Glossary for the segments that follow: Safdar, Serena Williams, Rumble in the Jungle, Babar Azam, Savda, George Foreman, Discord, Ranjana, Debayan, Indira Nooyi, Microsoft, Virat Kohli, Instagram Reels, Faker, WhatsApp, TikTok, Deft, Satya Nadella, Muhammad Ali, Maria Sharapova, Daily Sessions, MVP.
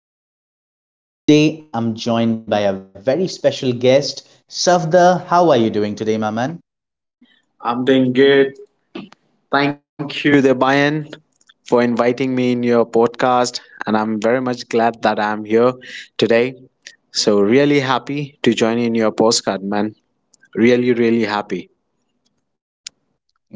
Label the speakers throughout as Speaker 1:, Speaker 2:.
Speaker 1: I'm your host Debayan and today I'm joined by a very special guest, Savda. How are you doing today, my man?
Speaker 2: I'm doing good. Thank you, Debayan, for inviting me in your podcast. And I'm very much glad that I'm here today. So, really happy to join in your postcard, man. Really, really happy.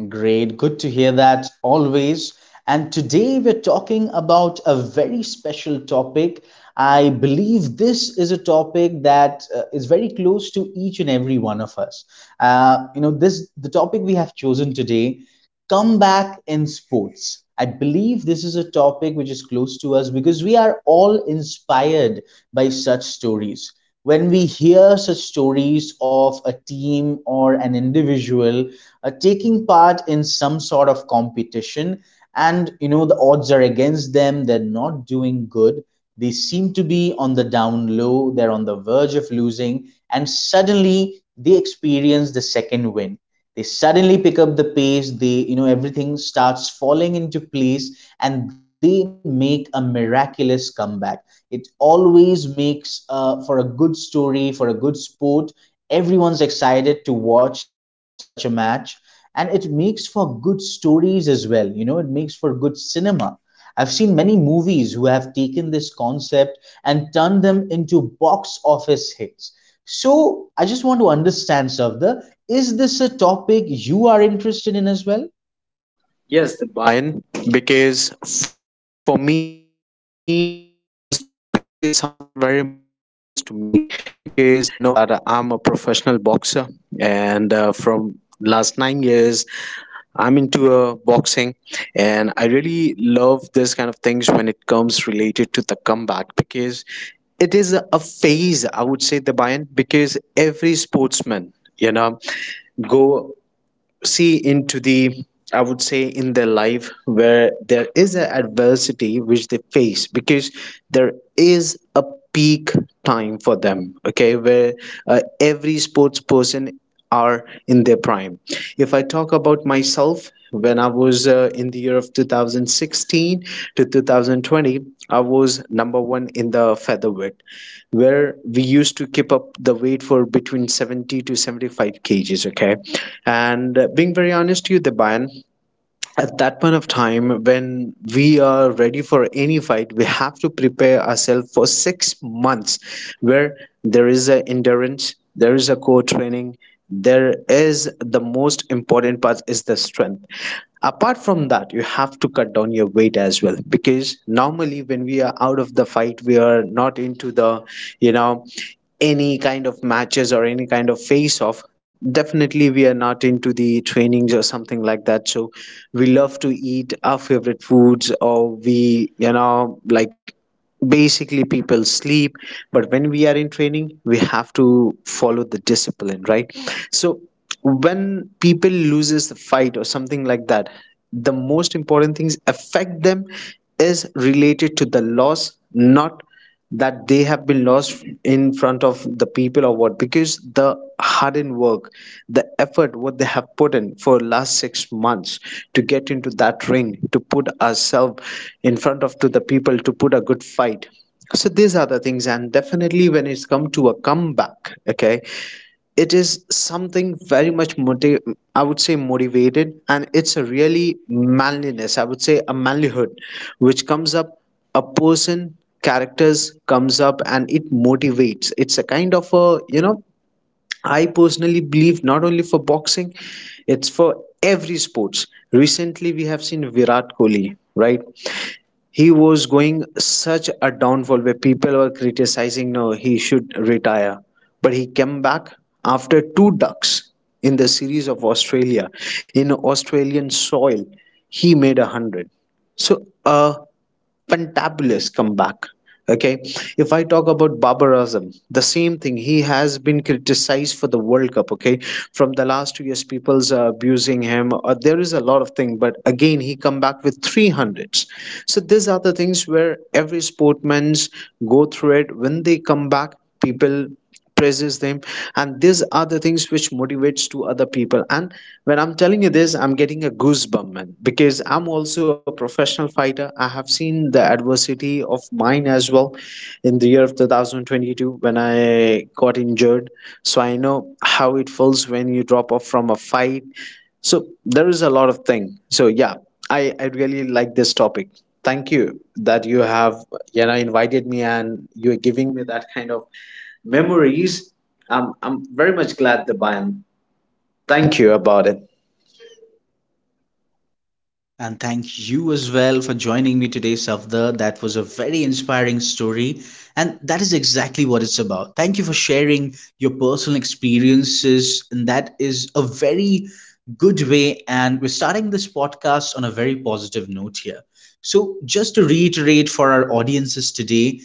Speaker 1: Great, good to hear that always. And today we're talking about a very special topic. I believe this is a topic that is very close to each and every one of us. This the topic we have chosen today, comeback in sports. I believe this is a topic which is close to us because we are all inspired by such stories. When we hear such stories of a team or an individual taking part in some sort of competition, and you know the odds are against them, they're not doing good, they seem to be on the down low, they're on the verge of losing, and suddenly they experience the second win, they suddenly pick up the pace, they, you know, everything starts falling into place and they make a miraculous comeback. It always makes for a good story, for a good sport. Everyone's excited to watch such a match, and it makes for good stories as well, you know, it makes for good cinema. I've seen many movies who have taken this concept and turned them into box office hits. So I just want to understand, Savda, is this a topic you are interested in as well?
Speaker 2: Yes, the buy-in, because for me, this topic is something very much close to me, because you know that I'm a professional boxer, and from last 9 years, I'm into boxing, and I really love this kind of things when it comes related to the comeback, because it is a phase. I would say the buy-in because every sportsman, you know, go see into the I would say in their life where there is an adversity which they face, because there is a peak time for them. Okay, where every sports person are in their prime. If I talk about myself, when I was in the year of 2016 to 2020, I was number one in the featherweight, where we used to keep up the weight for between 70 to 75 kgs. Okay, and being very honest to you, the Bayan, at that point of time when we are ready for any fight, we have to prepare ourselves for 6 months, where there is a endurance, there is a core training, there is the most important part is the strength. Apart from that, you have to cut down your weight as well, because normally when we are out of the fight, we are not into the you know any kind of matches or any kind of face off. Definitely, we are not into the trainings or something like that. So we love to eat our favorite foods, or we like basically people sleep. But when we are in training, we have to follow the discipline, right? So when people loses the fight or something like that, the most important things affect them is related to the loss, not that they have been lost in front of the people or what, because the hardened work, the effort what they have put in for last 6 months to get into that ring, to put ourselves in front of to the people to put a good fight. So these are the things. And definitely when it's come to a comeback, okay, it is something very much I would say motivated, and it's a really manliness, I would say a manlyhood, which comes up a person characters comes up and it motivates. It's a kind of a I personally believe not only for boxing, it's for every sports. Recently, we have seen Virat Kohli, right? He was going such a downfall where people were criticizing, no, he should retire. But he came back after two ducks in the series of Australia, in Australian soil. He made 100. So, fantabulous comeback. Okay, if I talk about Babar Azam, the same thing. He has been criticized for the World Cup. Okay, from the last 2 years, people's are abusing him. There is a lot of thing, but again, he come back with three hundreds. So these are the things where every sportman's go through it. When they come back, people praises them, and these are the things which motivates to other people. And when I'm telling you this, I'm getting a goosebump, man, because I'm also a professional fighter. I have seen the adversity of mine as well in the year of 2022 when I got injured. So I know how it feels when you drop off from a fight. So there is a lot of thing. So yeah, I really like this topic. Thank you that you have invited me and you're giving me that kind of memories. I'm very much glad that I am. Thank you about it.
Speaker 1: And thank you as well for joining me today, Safda. That was a very inspiring story, and that is exactly what it's about. Thank you for sharing your personal experiences, and that is a very good way. And we're starting this podcast on a very positive note here. So, just to reiterate for our audiences today,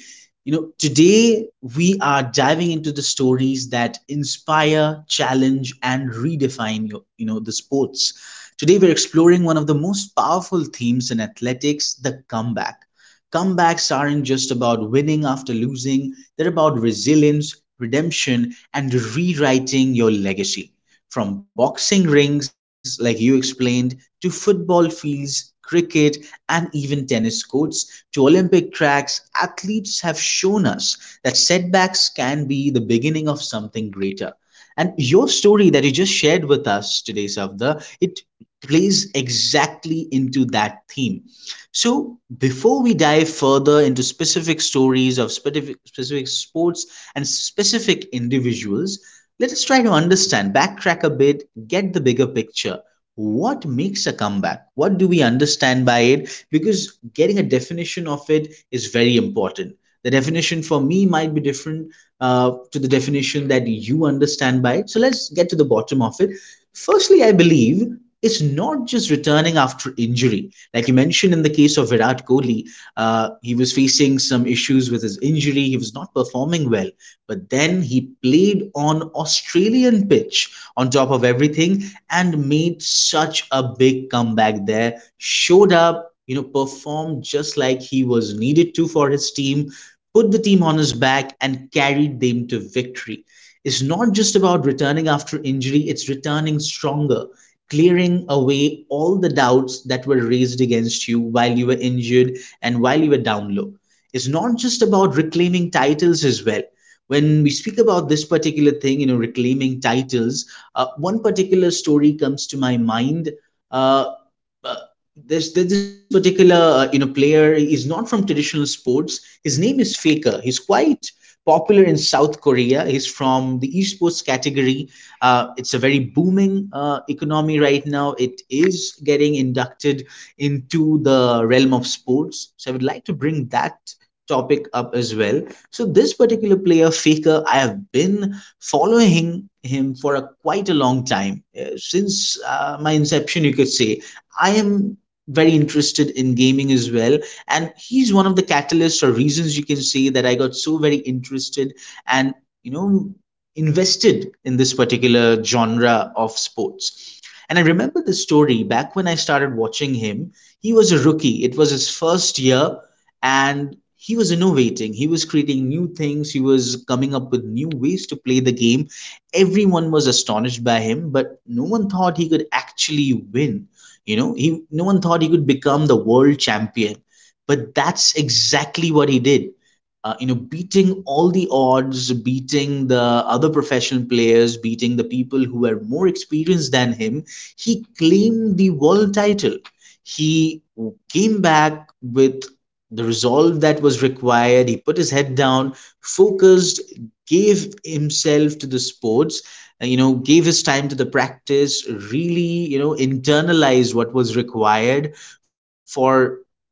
Speaker 1: you know, today we are diving into the stories that inspire, challenge, and redefine your, you know, the sports. Today, we're exploring one of the most powerful themes in athletics, the comeback. Comebacks aren't just about winning after losing, they're about resilience, redemption, and rewriting your legacy. From boxing rings, like you explained, to football fields, cricket, and even tennis courts, to Olympic tracks, athletes have shown us that setbacks can be the beginning of something greater. And your story that you just shared with us today, Savda, it plays exactly into that theme. So, before we dive further into specific stories of specific, specific sports and specific individuals, let us try to understand, backtrack a bit, get the bigger picture. What makes a comeback? What do we understand by it? Because getting a definition of it is very important. The definition for me might be different to the definition that you understand by it. So let's get to the bottom of it. Firstly, I believe it's not just returning after injury. Like you mentioned in the case of Virat Kohli, he was facing some issues with his injury. He was not performing well, but then he played on Australian pitch on top of everything and made such a big comeback there. Showed up, you know, performed just like he was needed to for his team, put the team on his back, and carried them to victory. It's not just about returning after injury, it's returning stronger, clearing away all the doubts that were raised against you while you were injured and while you were down low. It's not just about reclaiming titles as well. When we speak about this particular thing, you know, reclaiming titles, one particular story comes to my mind. Uh, uh, this particular you know player is not from traditional sports. His name is Faker. He's quite popular in South Korea. He's from the esports category. It's a very booming economy right now. It is getting inducted into the realm of sports. So I would like to bring that topic up as well. So this particular player, Faker, I have been following him for a quite a long time. Since my inception, you could say. I am very interested in gaming as well, and he's one of the catalysts or reasons you can say that I got so very interested and, you know, invested in this particular genre of sports. And I remember the story back when I started watching him. He was a rookie, it was his first year, and he was innovating. He was creating new things, he was coming up with new ways to play the game. Everyone was astonished by him, but no one thought he could actually win. You know, he no one thought he could become the world champion. But that's exactly what he did, you know, beating all the odds, beating the other professional players, beating the people who were more experienced than him, he claimed the world title. He came back with the resolve that was required. He put his head down, focused, gave himself to the sports, you know, gave his time to the practice, really, you know, internalized what was required for,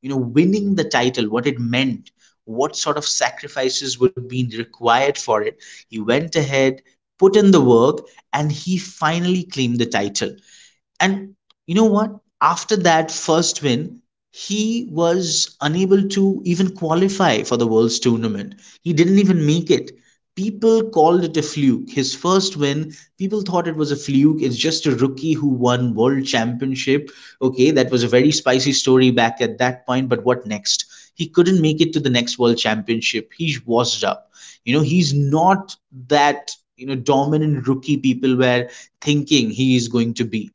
Speaker 1: you know, winning the title, what it meant, what sort of sacrifices would be required for it. He went ahead, put in the work, and he finally claimed the title. And you know what? After that first win, he was unable to even qualify for the World's tournament. He didn't even make it. People called it a fluke. His first win, people thought it was a fluke. It's just a rookie who won World Championship. Okay, that was a very spicy story back at that point, but what next? He couldn't make it to the next World Championship. He's washed up. You know, he's not that, you know, dominant rookie people were thinking he is going to be.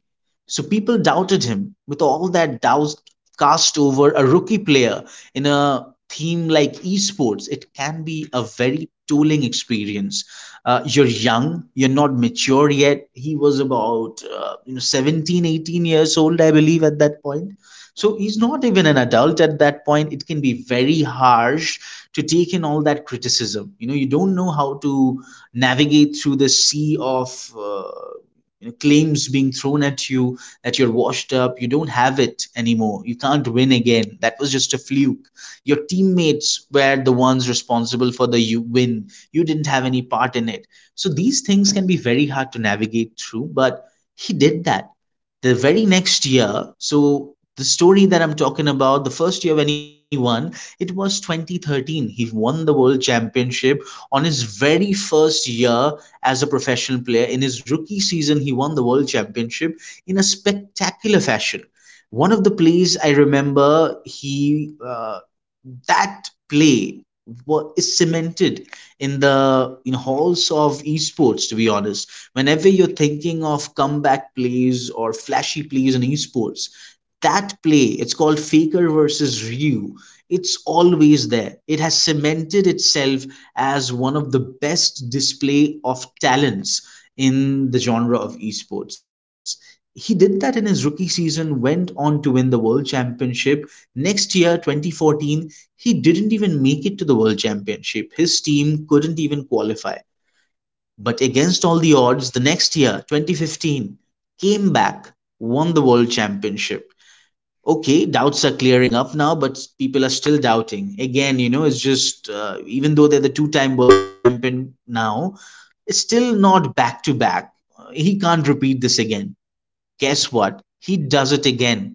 Speaker 1: So people doubted him. With all that doubt cast over a rookie player in a theme like esports, it can be a very tolling experience. You're young, you're not mature yet. He was about you know 17, 18 years old, I believe, at that point. So he's not even an adult at that point. It can be very harsh to take in all that criticism. You know, you don't know how to navigate through the sea of you know, claims being thrown at you that you're washed up. You don't have it anymore. You can't win again. That was just a fluke. Your teammates were the ones responsible for the win. You didn't have any part in it. So these things can be very hard to navigate through, but he did that the very next year. So the story that I'm talking about, the first year when he won, it was 2013. He won the world championship on his very first year as a professional player. In his rookie season he won the world championship in a spectacular fashion. One of the plays I remember, he that play is cemented in the in halls of esports, to be honest. Whenever you're thinking of comeback plays or flashy plays in esports, that play, it's called Faker versus Ryu, it's always there. It has cemented itself as one of the best display of talents in the genre of esports. He did that in his rookie season, went on to win the World Championship. Next year, 2014, he didn't even make it to the World Championship. His team couldn't even qualify. But against all the odds, the next year, 2015, came back, won the World Championship. Okay, doubts are clearing up now, but people are still doubting. Again, you know, it's just, even though they're the two time world champion now, it's still not back to back. He can't repeat this again. Guess what? He does it again.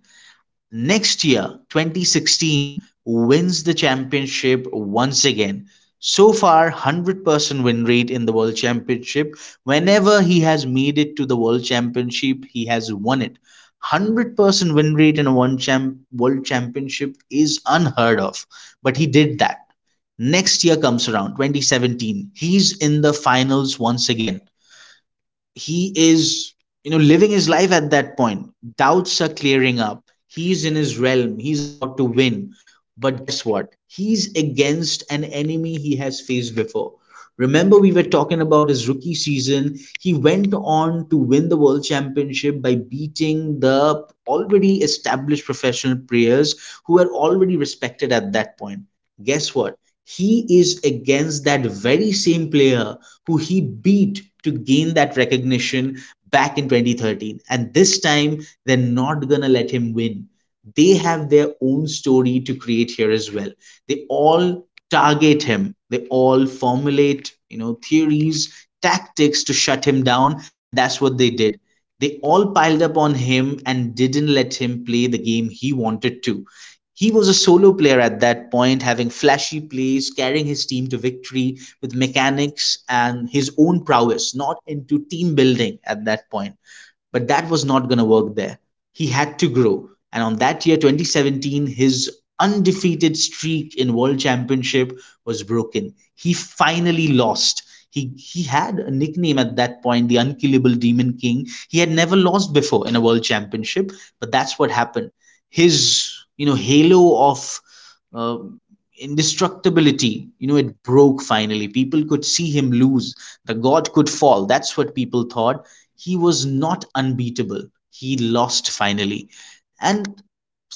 Speaker 1: Next year, 2016, wins the championship once again. So far, 100% win rate in the World Championship. Whenever he has made it to the World Championship, he has won it. 100% win rate in a World Championship is unheard of, but he did that. Next year comes around, 2017. He's in the finals once again. He is, you know, living his life at that point. Doubts are clearing up, he's in his realm, he's about to win. But guess what? He's against an enemy he has faced before. Remember, we were talking about his rookie season. He went on to win the World Championship by beating the already established professional players who were already respected at that point. Guess what? He is against that very same player who he beat to gain that recognition back in 2013. And this time, they're not gonna let him win. They have their own story to create here as well. They all target him. They all formulate, you know, theories, tactics to shut him down, and that's what they did. They all piled up on him and didn't let him play the game he wanted to. He was a solo player at that point, having flashy plays, carrying his team to victory with mechanics and his own prowess, not into team building at that point. But that was not going to work there, he had to grow. And on that year, 2017, his undefeated streak in World Championship was broken. He finally lost. He had a nickname at that point, the Unkillable Demon King. He had never lost before in a World Championship, but that's what happened. His, halo of uh, indestructibility, it broke finally. People could see him lose. The god could fall, that's what people thought. He was not unbeatable, he lost finally. And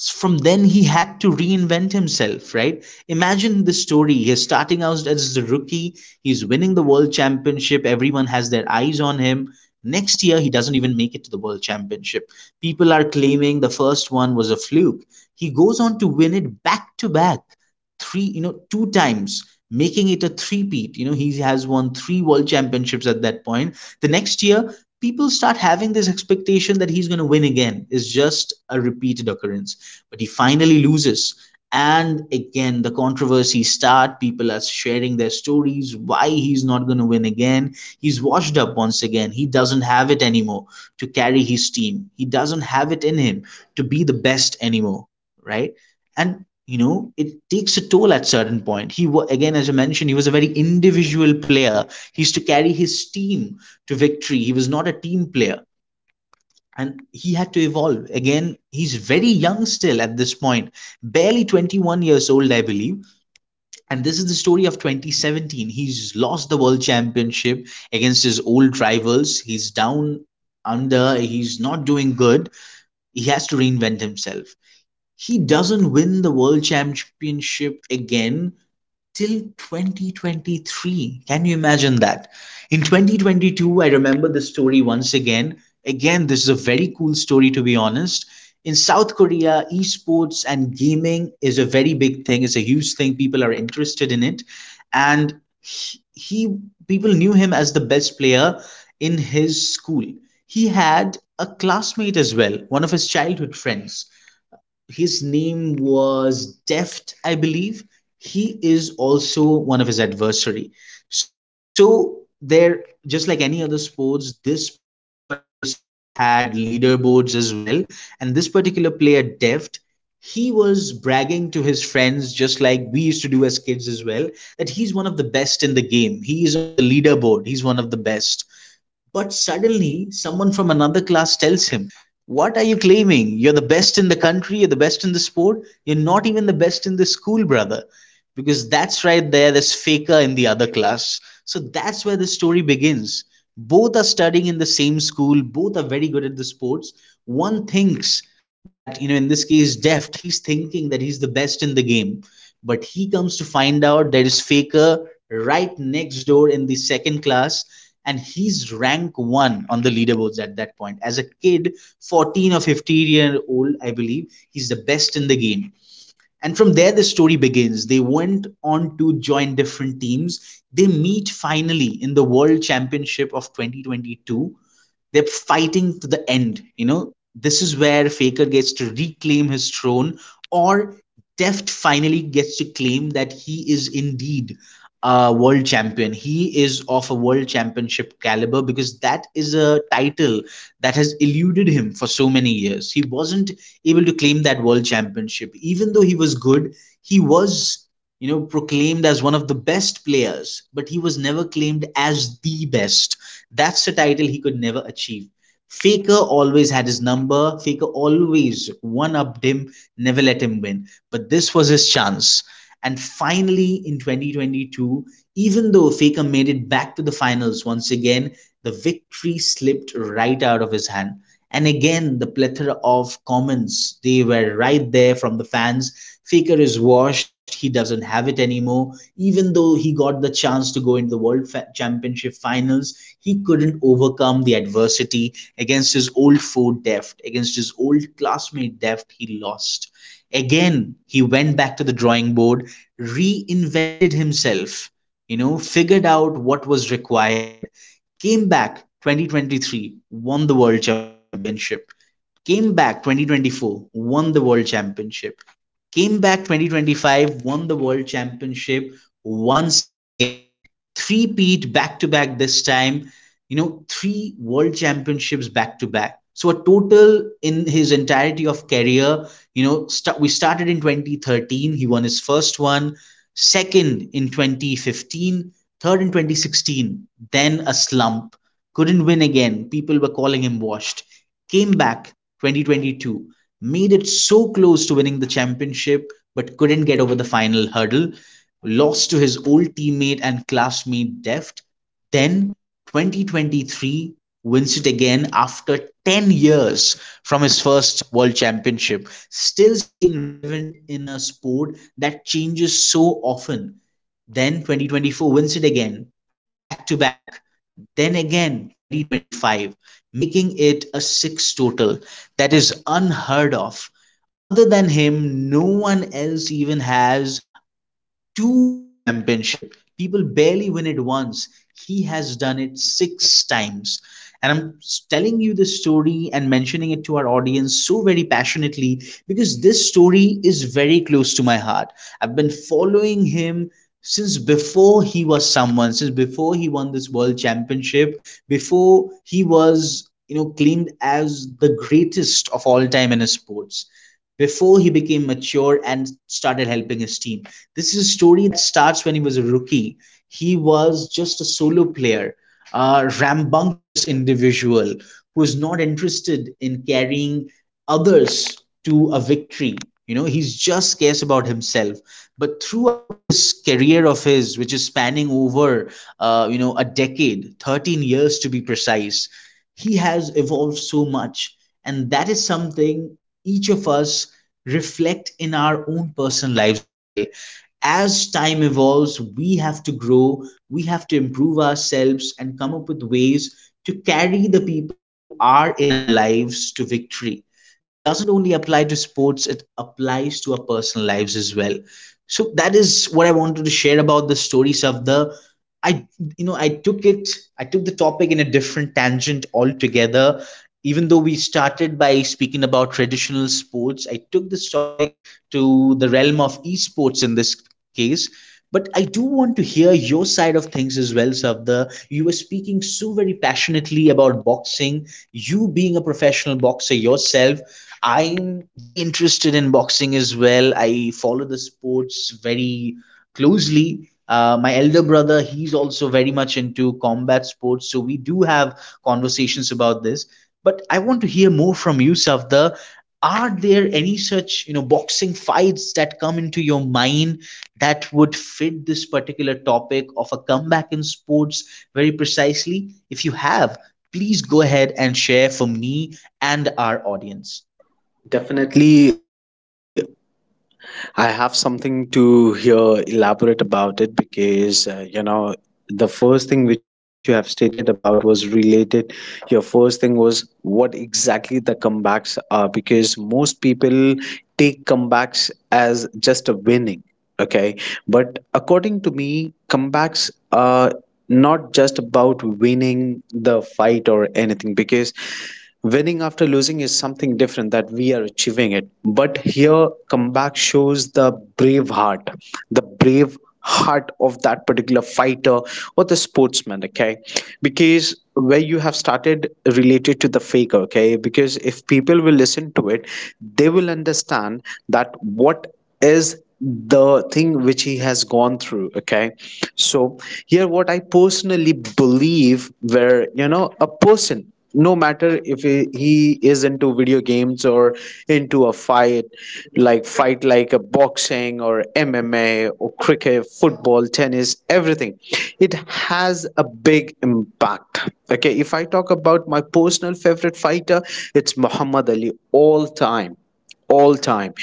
Speaker 1: from then he had to reinvent himself, right? Imagine the story. He's starting out as a rookie, he's winning the world championship, everyone has their eyes on him. Next year, he doesn't even make it to the world championship. People are claiming the first one was a fluke. He goes on to win it back to back three, two times, making it a three-peat. You know, he has won three world championships at that point. The next year, people start having this expectation that he's going to win again. It's just a repeated occurrence. But he finally loses. And again, the controversy starts. People are sharing their stories. Why he's not going to win again? He's washed up once again. He doesn't have it anymore to carry his team. He doesn't have it in him to be the best anymore, right? And it takes a toll at certain point. He again, as I mentioned, he was a very individual player. He used to carry his team to victory, he was not a team player. And he had to evolve again. He's very young still at this point, barely 21 years old, I believe. And this is the story of 2017. He's lost the world championship against his old rivals. He's down under, he's not doing good. He has to reinvent himself. He doesn't win the world championship again till 2023. Can you imagine that? In 2022, I remember the story once again. Again, this is a very cool story to be honest. In South Korea, esports and gaming is a very big thing. It's a huge thing, people are interested in it. And he people knew him as the best player in his school. He had a classmate as well, one of his childhood friends. His name was Deft, I believe. He is also one of his adversary. So there, just like any other sports, this particular sport had leaderboards as well. And this particular player, Deft, he was bragging to his friends, just like we used to do as kids as well, that he's one of the best in the game. He is on the leaderboard. He's one of the best. But suddenly, someone from another class tells him, what are you claiming? You're the best in the country, you're the best in the sport, you're not even the best in the school, brother. Because that's right there, there's Faker in the other class. So that's where the story begins. Both are studying in the same school, both are very good at the sports. One thinks that, you know, in this case, Deft, he's thinking that he's the best in the game, but he comes to find out there is Faker right next door in the second class, and he's rank one on the leaderboards at that point. As a kid, 14 or 15-year-old, I believe, he's the best in the game. And from there, the story begins. They went on to join different teams. They meet finally in the World Championship of 2022. They're fighting to the end. You know, this is where Faker gets to reclaim his throne, or Deft finally gets to claim that he is indeed a world champion. He is of a world championship caliber, because that is a title that has eluded him for so many years. He wasn't able to claim that world championship, even though he was good. He was, you know, proclaimed as one of the best players, but he was never claimed as the best. That's a title he could never achieve. Faker always had his number. Faker always one upped him, never let him win. But this was his chance. And finally, in 2022, even though Faker made it back to the finals once again, the victory slipped right out of his hand. And again, the plethora of comments. They were right there from the fans. Faker is washed. He doesn't have it anymore. Even though he got the chance to go into the World Championship finals, he couldn't overcome the adversity against his old foe Deft, against his old classmate Deft. He lost. Again, he went back to the drawing board, reinvented himself, you know, figured out what was required. Came back 2023, won the world championship. Came back 2024, won the world championship. Came back 2025, won the world championship once again. Three-peat back-to-back this time. You know, three world championships back to back. So a total in his entirety of career, you know, we started in 2013. He won his first one, second in 2015, third in 2016. Then a slump, couldn't win again. People were calling him washed. Came back 2022, made it so close to winning the championship, but couldn't get over the final hurdle. Lost to his old teammate and classmate Deft. Then 2023 wins it again after 10 years from his first world championship, still staying relevant in a sport that changes so often. Then 2024 wins it again, back to back. Then again 2025, making it a six total that is unheard of. Other than him, no one else even has two world championship. People barely win it once, he has done it six times. And I'm telling you this story and mentioning it to our audience so very passionately because this story is very close to my heart. I've been following him since before he was someone, since before he won this world championship, before he was, you know, claimed as the greatest of all time in his sports, before he became mature and started helping his team. This is a story that starts when he was a rookie. He was just a solo player, a rambunctious individual who is not interested in carrying others to a victory. You know, he's just cares about himself. But throughout this career of his, which is spanning over, you know, a decade, 13 years to be precise, he has evolved so much. And that is something each of us reflect in our own personal lives as well. As time evolves, we have to grow, we have to improve ourselves, and come up with ways to carry the people who are in our lives to victory. This doesn't only apply to sports, it applies to our personal lives as well. So, that is what I wanted to share about the stories of the I you know I took it I took the topic in a different tangent altogether. Even though we started by speaking about traditional sports, I took this topic to the realm of esports in this case. But I do want to hear your side of things as well, Savda. You were speaking so very passionately about boxing. You being a professional boxer yourself, I'm very interested in boxing as well. I follow the sports very closely. My elder brother, he's also very much into combat sports, so we do have conversations about this. But I want to hear more from you, Savda. Are there any such, you know, boxing fights that come into your mind that would fit this particular topic of a comeback in sports very precisely? If you have, please go ahead and share for me and our audience.
Speaker 2: Definitely, I have something to hear elaborate about it, because the first thing which you have stated about was related. Your first thing was what exactly the comebacks are, because most people take comebacks as just a winning. Okay, but according to me, comebacks are not just about winning the fight or anything, because winning after losing is something different that we are achieving it. But here comeback shows the brave heart, the brave heart of that particular fighter or the sportsman. Okay, because where you have started related to the Faker, okay, because if people will listen to it, they will understand that what is the thing which he has gone through. Okay, so here what I personally believe, where a person, no matter if he is into video games or into a fight, like fight like a boxing or MMA or cricket, football, tennis, everything, it has a big impact. Okay, if I talk about my personal favorite fighter, it's Muhammad Ali, all time, all time.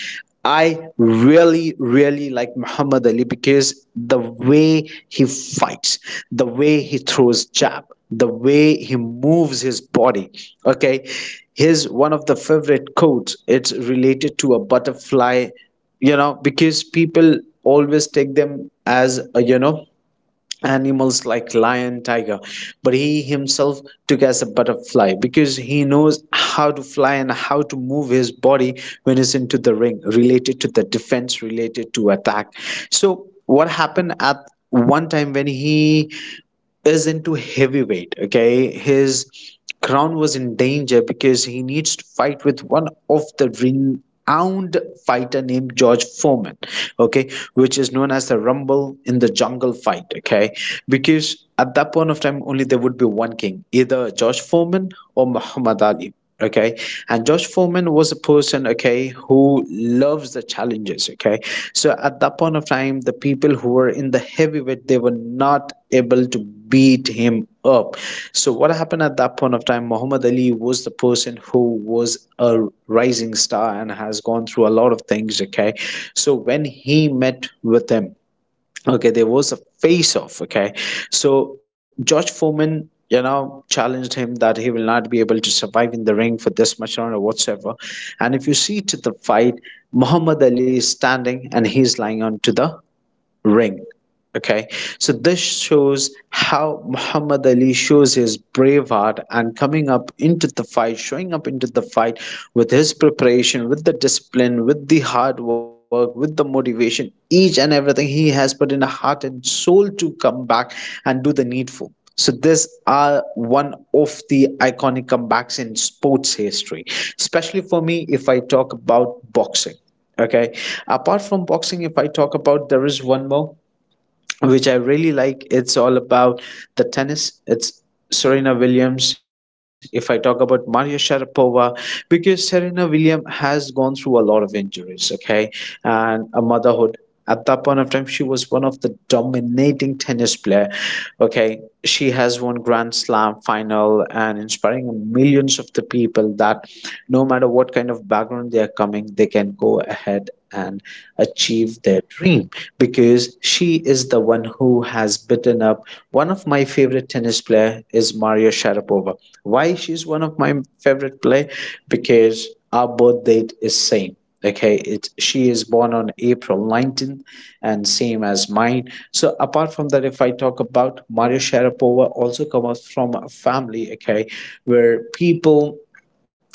Speaker 2: I really, really like Muhammad Ali because the way he fights, the way he throws jab, the way he moves his body. Okay, his one of the favorite quotes, it's related to a butterfly, you know, because people always take them as a, animals like lion, tiger, but he himself took as a butterfly because he knows how to fly and how to move his body when he's into the ring, related to the defense, related to attack. So what happened at one time when he is into heavyweight? Okay, his crown was in danger because he needs to fight with one of the renowned fighter named George Foreman. Okay, which is known as the Rumble in the Jungle fight. Okay, because at that point of time, only there would be one king, either George Foreman or Muhammad Ali. Okay, and Josh Foreman was a person, okay, who loves the challenges. Okay, so at that point of time, the people who were in the heavyweight, they were not able to beat him up. So what happened at that point of time? Muhammad Ali was the person who was a rising star and has gone through a lot of things. Okay, so when he met with him, okay, there was a face off. Okay, so George Foreman, challenged him that he will not be able to survive in the ring for this much round or whatsoever. And if you see to the fight, Muhammad Ali is standing and he's lying on to the ring. Okay, so this shows how Muhammad Ali shows his brave heart and coming up into the fight, showing up into the fight with his preparation, with the discipline, with the hard work, with the motivation, each and everything he has put in a heart and soul to come back and do the needful. So these are one of the iconic comebacks in sports history, especially for me if I talk about boxing. Okay. Apart from boxing, if I talk about, there is one more which I really like. It's all about the tennis. It's Serena Williams. If I talk about Maria Sharapova, because Serena Williams has gone through a lot of injuries, okay, and a motherhood. At that point of time, she was one of the dominating tennis player. Okay, she has won Grand Slam final and inspiring millions of the people that no matter what kind of background they are coming, they can go ahead and achieve their dream, because she is the one who has beaten up one of my favorite tennis player is Maria Sharapova. Why she's one of my favorite player? Because our birth date is same. Okay, it she is born on April 19th and same as mine. So apart from that, if I talk about Maria Sharapova, also comes from a family, okay, where people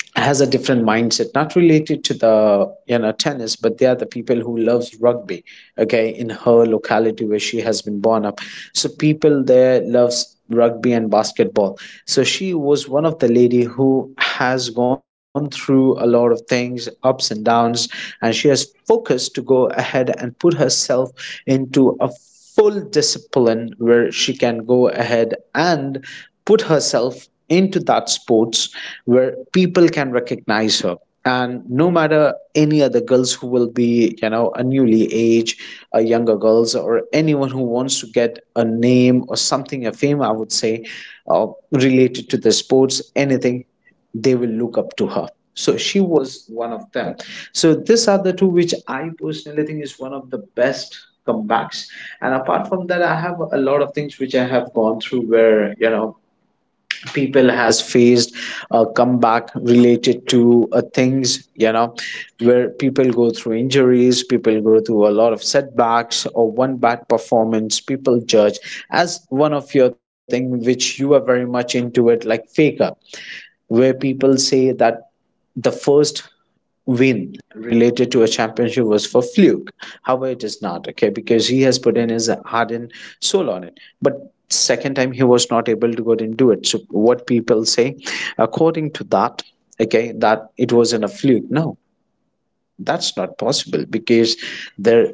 Speaker 2: has a different mindset, not related to the tennis, but they are the people who loves rugby, okay, in her locality where she has been born up. So people there loves rugby and basketball. So she was one of the lady who has gone through a lot of things, ups and downs, and she has focused to go ahead and put herself into a full discipline where she can go ahead and put herself into that sports where people can recognize her. And no matter any other girls who will be, a newly age, a younger girls, or anyone who wants to get a name or something, a fame, I would say, related to the sports anything, they will look up to her. So she was one of them. So these are the two which I personally think is one of the best comebacks. And apart from that, I have a lot of things which I have gone through where, people has faced a comeback related to things, where people go through injuries, people go through a lot of setbacks, or one bad performance people judge as one of your thing which you are very much into it, like Faker, where people say that the first win related to a championship was for fluke. However, it is not, okay, because he has put in his heart and soul on it, but second time he was not able to go and do it. So what people say according to that, okay, that it was in a fluke. No, that's not possible, because there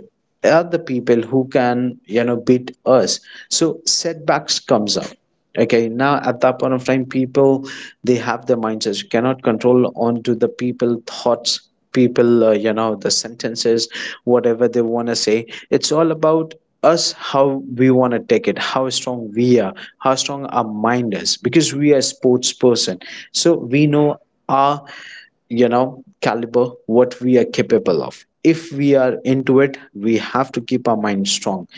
Speaker 2: are the people who can, beat us. So setbacks comes up, okay. Now at that point of time, people, they have their mindsets. You cannot control onto the people thoughts, people, the sentences whatever they want to say, it's all about us, how we want to take it, how strong we are, how strong our mind is, because we are a sports person. So we know our, caliber, what we are capable of. If we are into it, we have to keep our mind strong.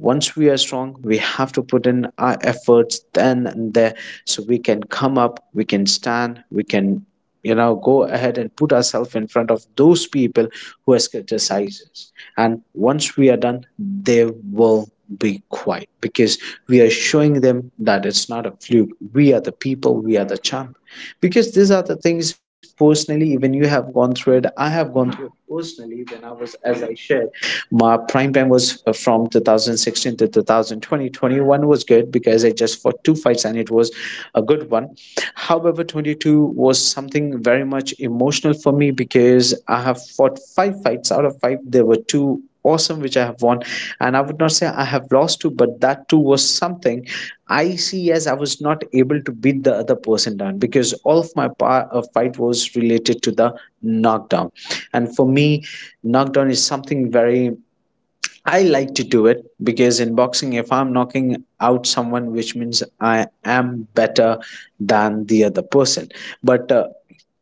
Speaker 2: Once we are strong, we have to put in our efforts then and there, so we can come up, we can stand, we can, go ahead and put ourselves in front of those people who has criticized us. And once we are done, they will be quiet, because we are showing them that it's not a fluke, we are the people, we are the champ. Because these are the things personally, even you have gone through it, I have gone through it personally. When I was, as I shared, my prime time was from 2016 to 2020 21 was good, because I just fought two fights and it was a good one. However, 22 was something very much emotional for me, because I have fought five fights, out of five there were two awesome which I have won, and I would not say I have lost two, but that too was something I see as I was not able to beat the other person down, because all of my part of fight was related to the knockdown. And for me, knockdown is something very, I like to do it, because in boxing, if I'm knocking out someone, which means I am better than the other person. But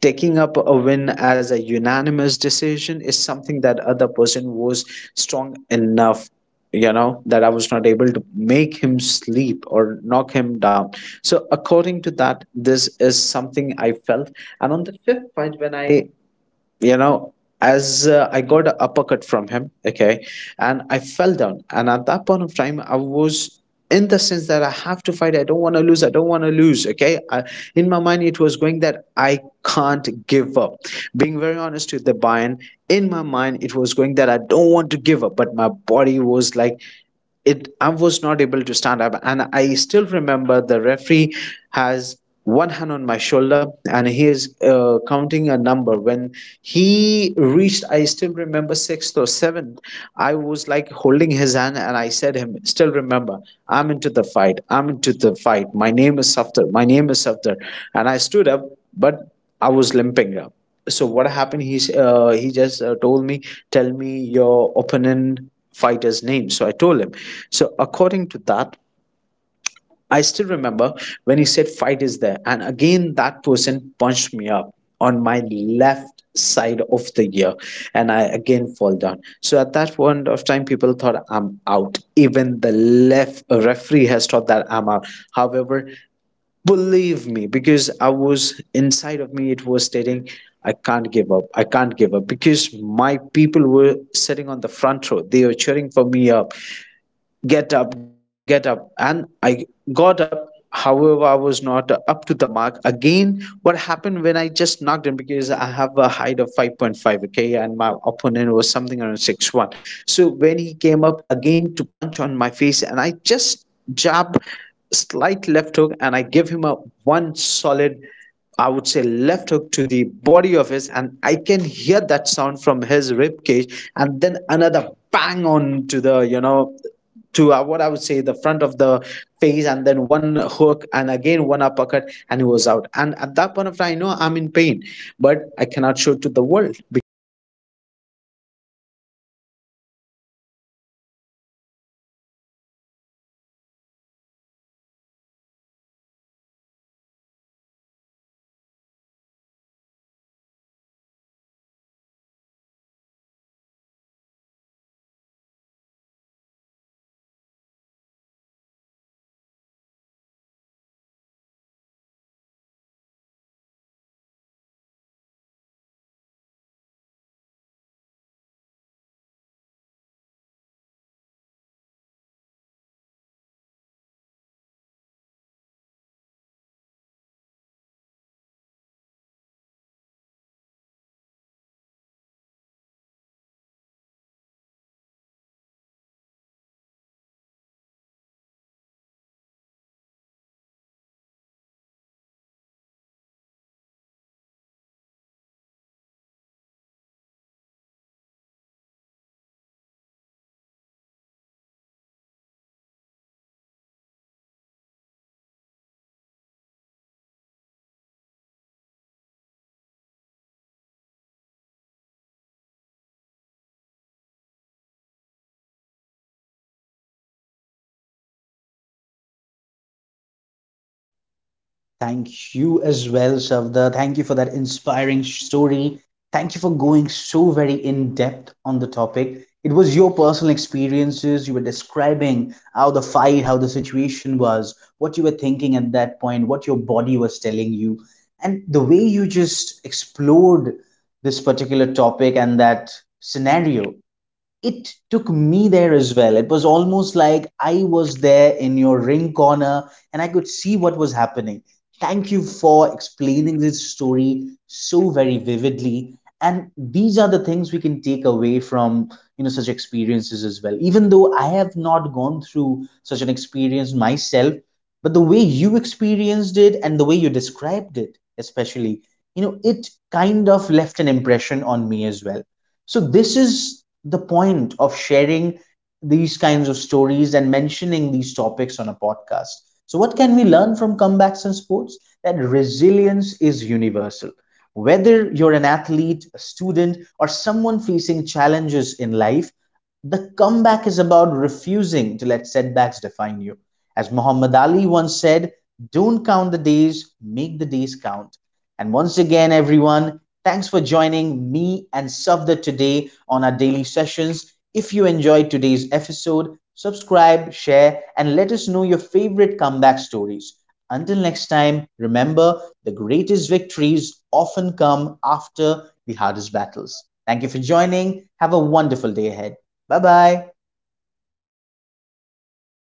Speaker 2: taking up a win as a unanimous decision is something that other person was strong enough, that I was not able to make him sleep or knock him down. So according to that, this is something I felt. And on the fifth fight, when I, you know as I got an uppercut from him, okay, and I fell down. And at that point of time, I was in the sense that I have to fight, I don't want to lose I don't want to lose okay. In my mind it was going that I can't give up. Being very honest with the Bayern, in my mind it was going that I don't want to give up, but my body was like it. I was not able to stand up. And I still remember the referee has one hand on my shoulder and he is, counting a number. When he reached, I still remember, sixth or seventh, I was like holding his hand and I said him, still remember, I'm into the fight, my name is Safdar, my name is Safdar. And I stood up, but I was limping up. So what happened, he just told me, tell me your opponent fighter's name. So I told him. So according to that, I still remember when he said, fight is there. And again, that person punched me up on my left side of the ear. And I again fall down. So at that point of time, people thought I'm out. Even the left referee has thought that I'm out. However, believe me, because I was, inside of me it was stating, I can't give up, I can't give up, because my people were sitting on the front row, they were cheering for me up, get up, get up. And I got up. However, I was not up to the mark. Again, what happened, when I just knocked him, because I have a height of 5.5, okay, and my opponent was something around 6'1". So when he came up again to punch on my face, and I just jab, slight left hook, and I give him a one solid, I would say, left hook to the body of his, and I can hear that sound from his rib cage. And then another bang on to the you know to what I would say, the front of the face, and then one hook and again one uppercut, and he was out. And at that point of time, I know I'm in pain, but I cannot show it to the world, because this is the comeback for me. So this is something which I have gone through in my personal life, Debayan. So this podcast I personally believe was related something very emotional for me and very much close to you. And yes, the thing which you have shared, yeah, I would say it was one of the best I have, the podcast I've gone through. And I would love that if people will hear it, they can relate to themselves, and it will motivate them that no matter what's thing going on, what people are stating, what people are thinking, you have to go up and you have to do it. It's your life, it's your thing. You have to make it. You can't give up. That's what I personally feel the buy-in. So, in no matter if you're a sportsman, if you are and just a normal, I would say, a worker, or whatsoever, don't let yourself down. Because you're a man, no matter if you're a man or a woman, you have your responsibility, you have your dignity, keep that up to yourself and keep that one thing in your mind, you are capable to do it. That's it. Don't give up, never ever give up. That's what I personally believe, the by. Thank you, man. I, it's something, I'm very much glad. Thank you, Deban, to share me something which was related to it, and I'm very much emotional about it. Thank you, man. Thank you.
Speaker 1: Thank you as well, Shavda. Thank you for that inspiring story. Thank you for going so very in depth on the topic. It was your personal experiences. You were describing how the fight, how the situation was, what you were thinking at that point, what your body was telling you. And the way you just explored this particular topic and that scenario, it took me there as well. It was almost like I was there in your ring corner and I could see what was happening. Thank you for explaining this story so very vividly. And these are the things we can take away from, you know, such experiences as well. Even though I have not gone through such an experience myself, but the way you experienced it and the way you described it, especially, you know, it kind of left an impression on me as well. So, this is the point of sharing these kinds of stories and mentioning these topics on a podcast. So, what can we learn from comebacks in sports? That resilience is universal. Whether you're an athlete, a student, or someone facing challenges in life, the comeback is about refusing to let setbacks define you. As Muhammad Ali once said, don't count the days, make the days count. And once again, everyone, thanks for joining me and Safda today on our daily sessions. If you enjoyed today's episode, subscribe, share, and let us know your favorite comeback stories. Until next time, remember the greatest victories often come after the hardest battles. Thank you for joining. Have a wonderful day ahead. 拜拜。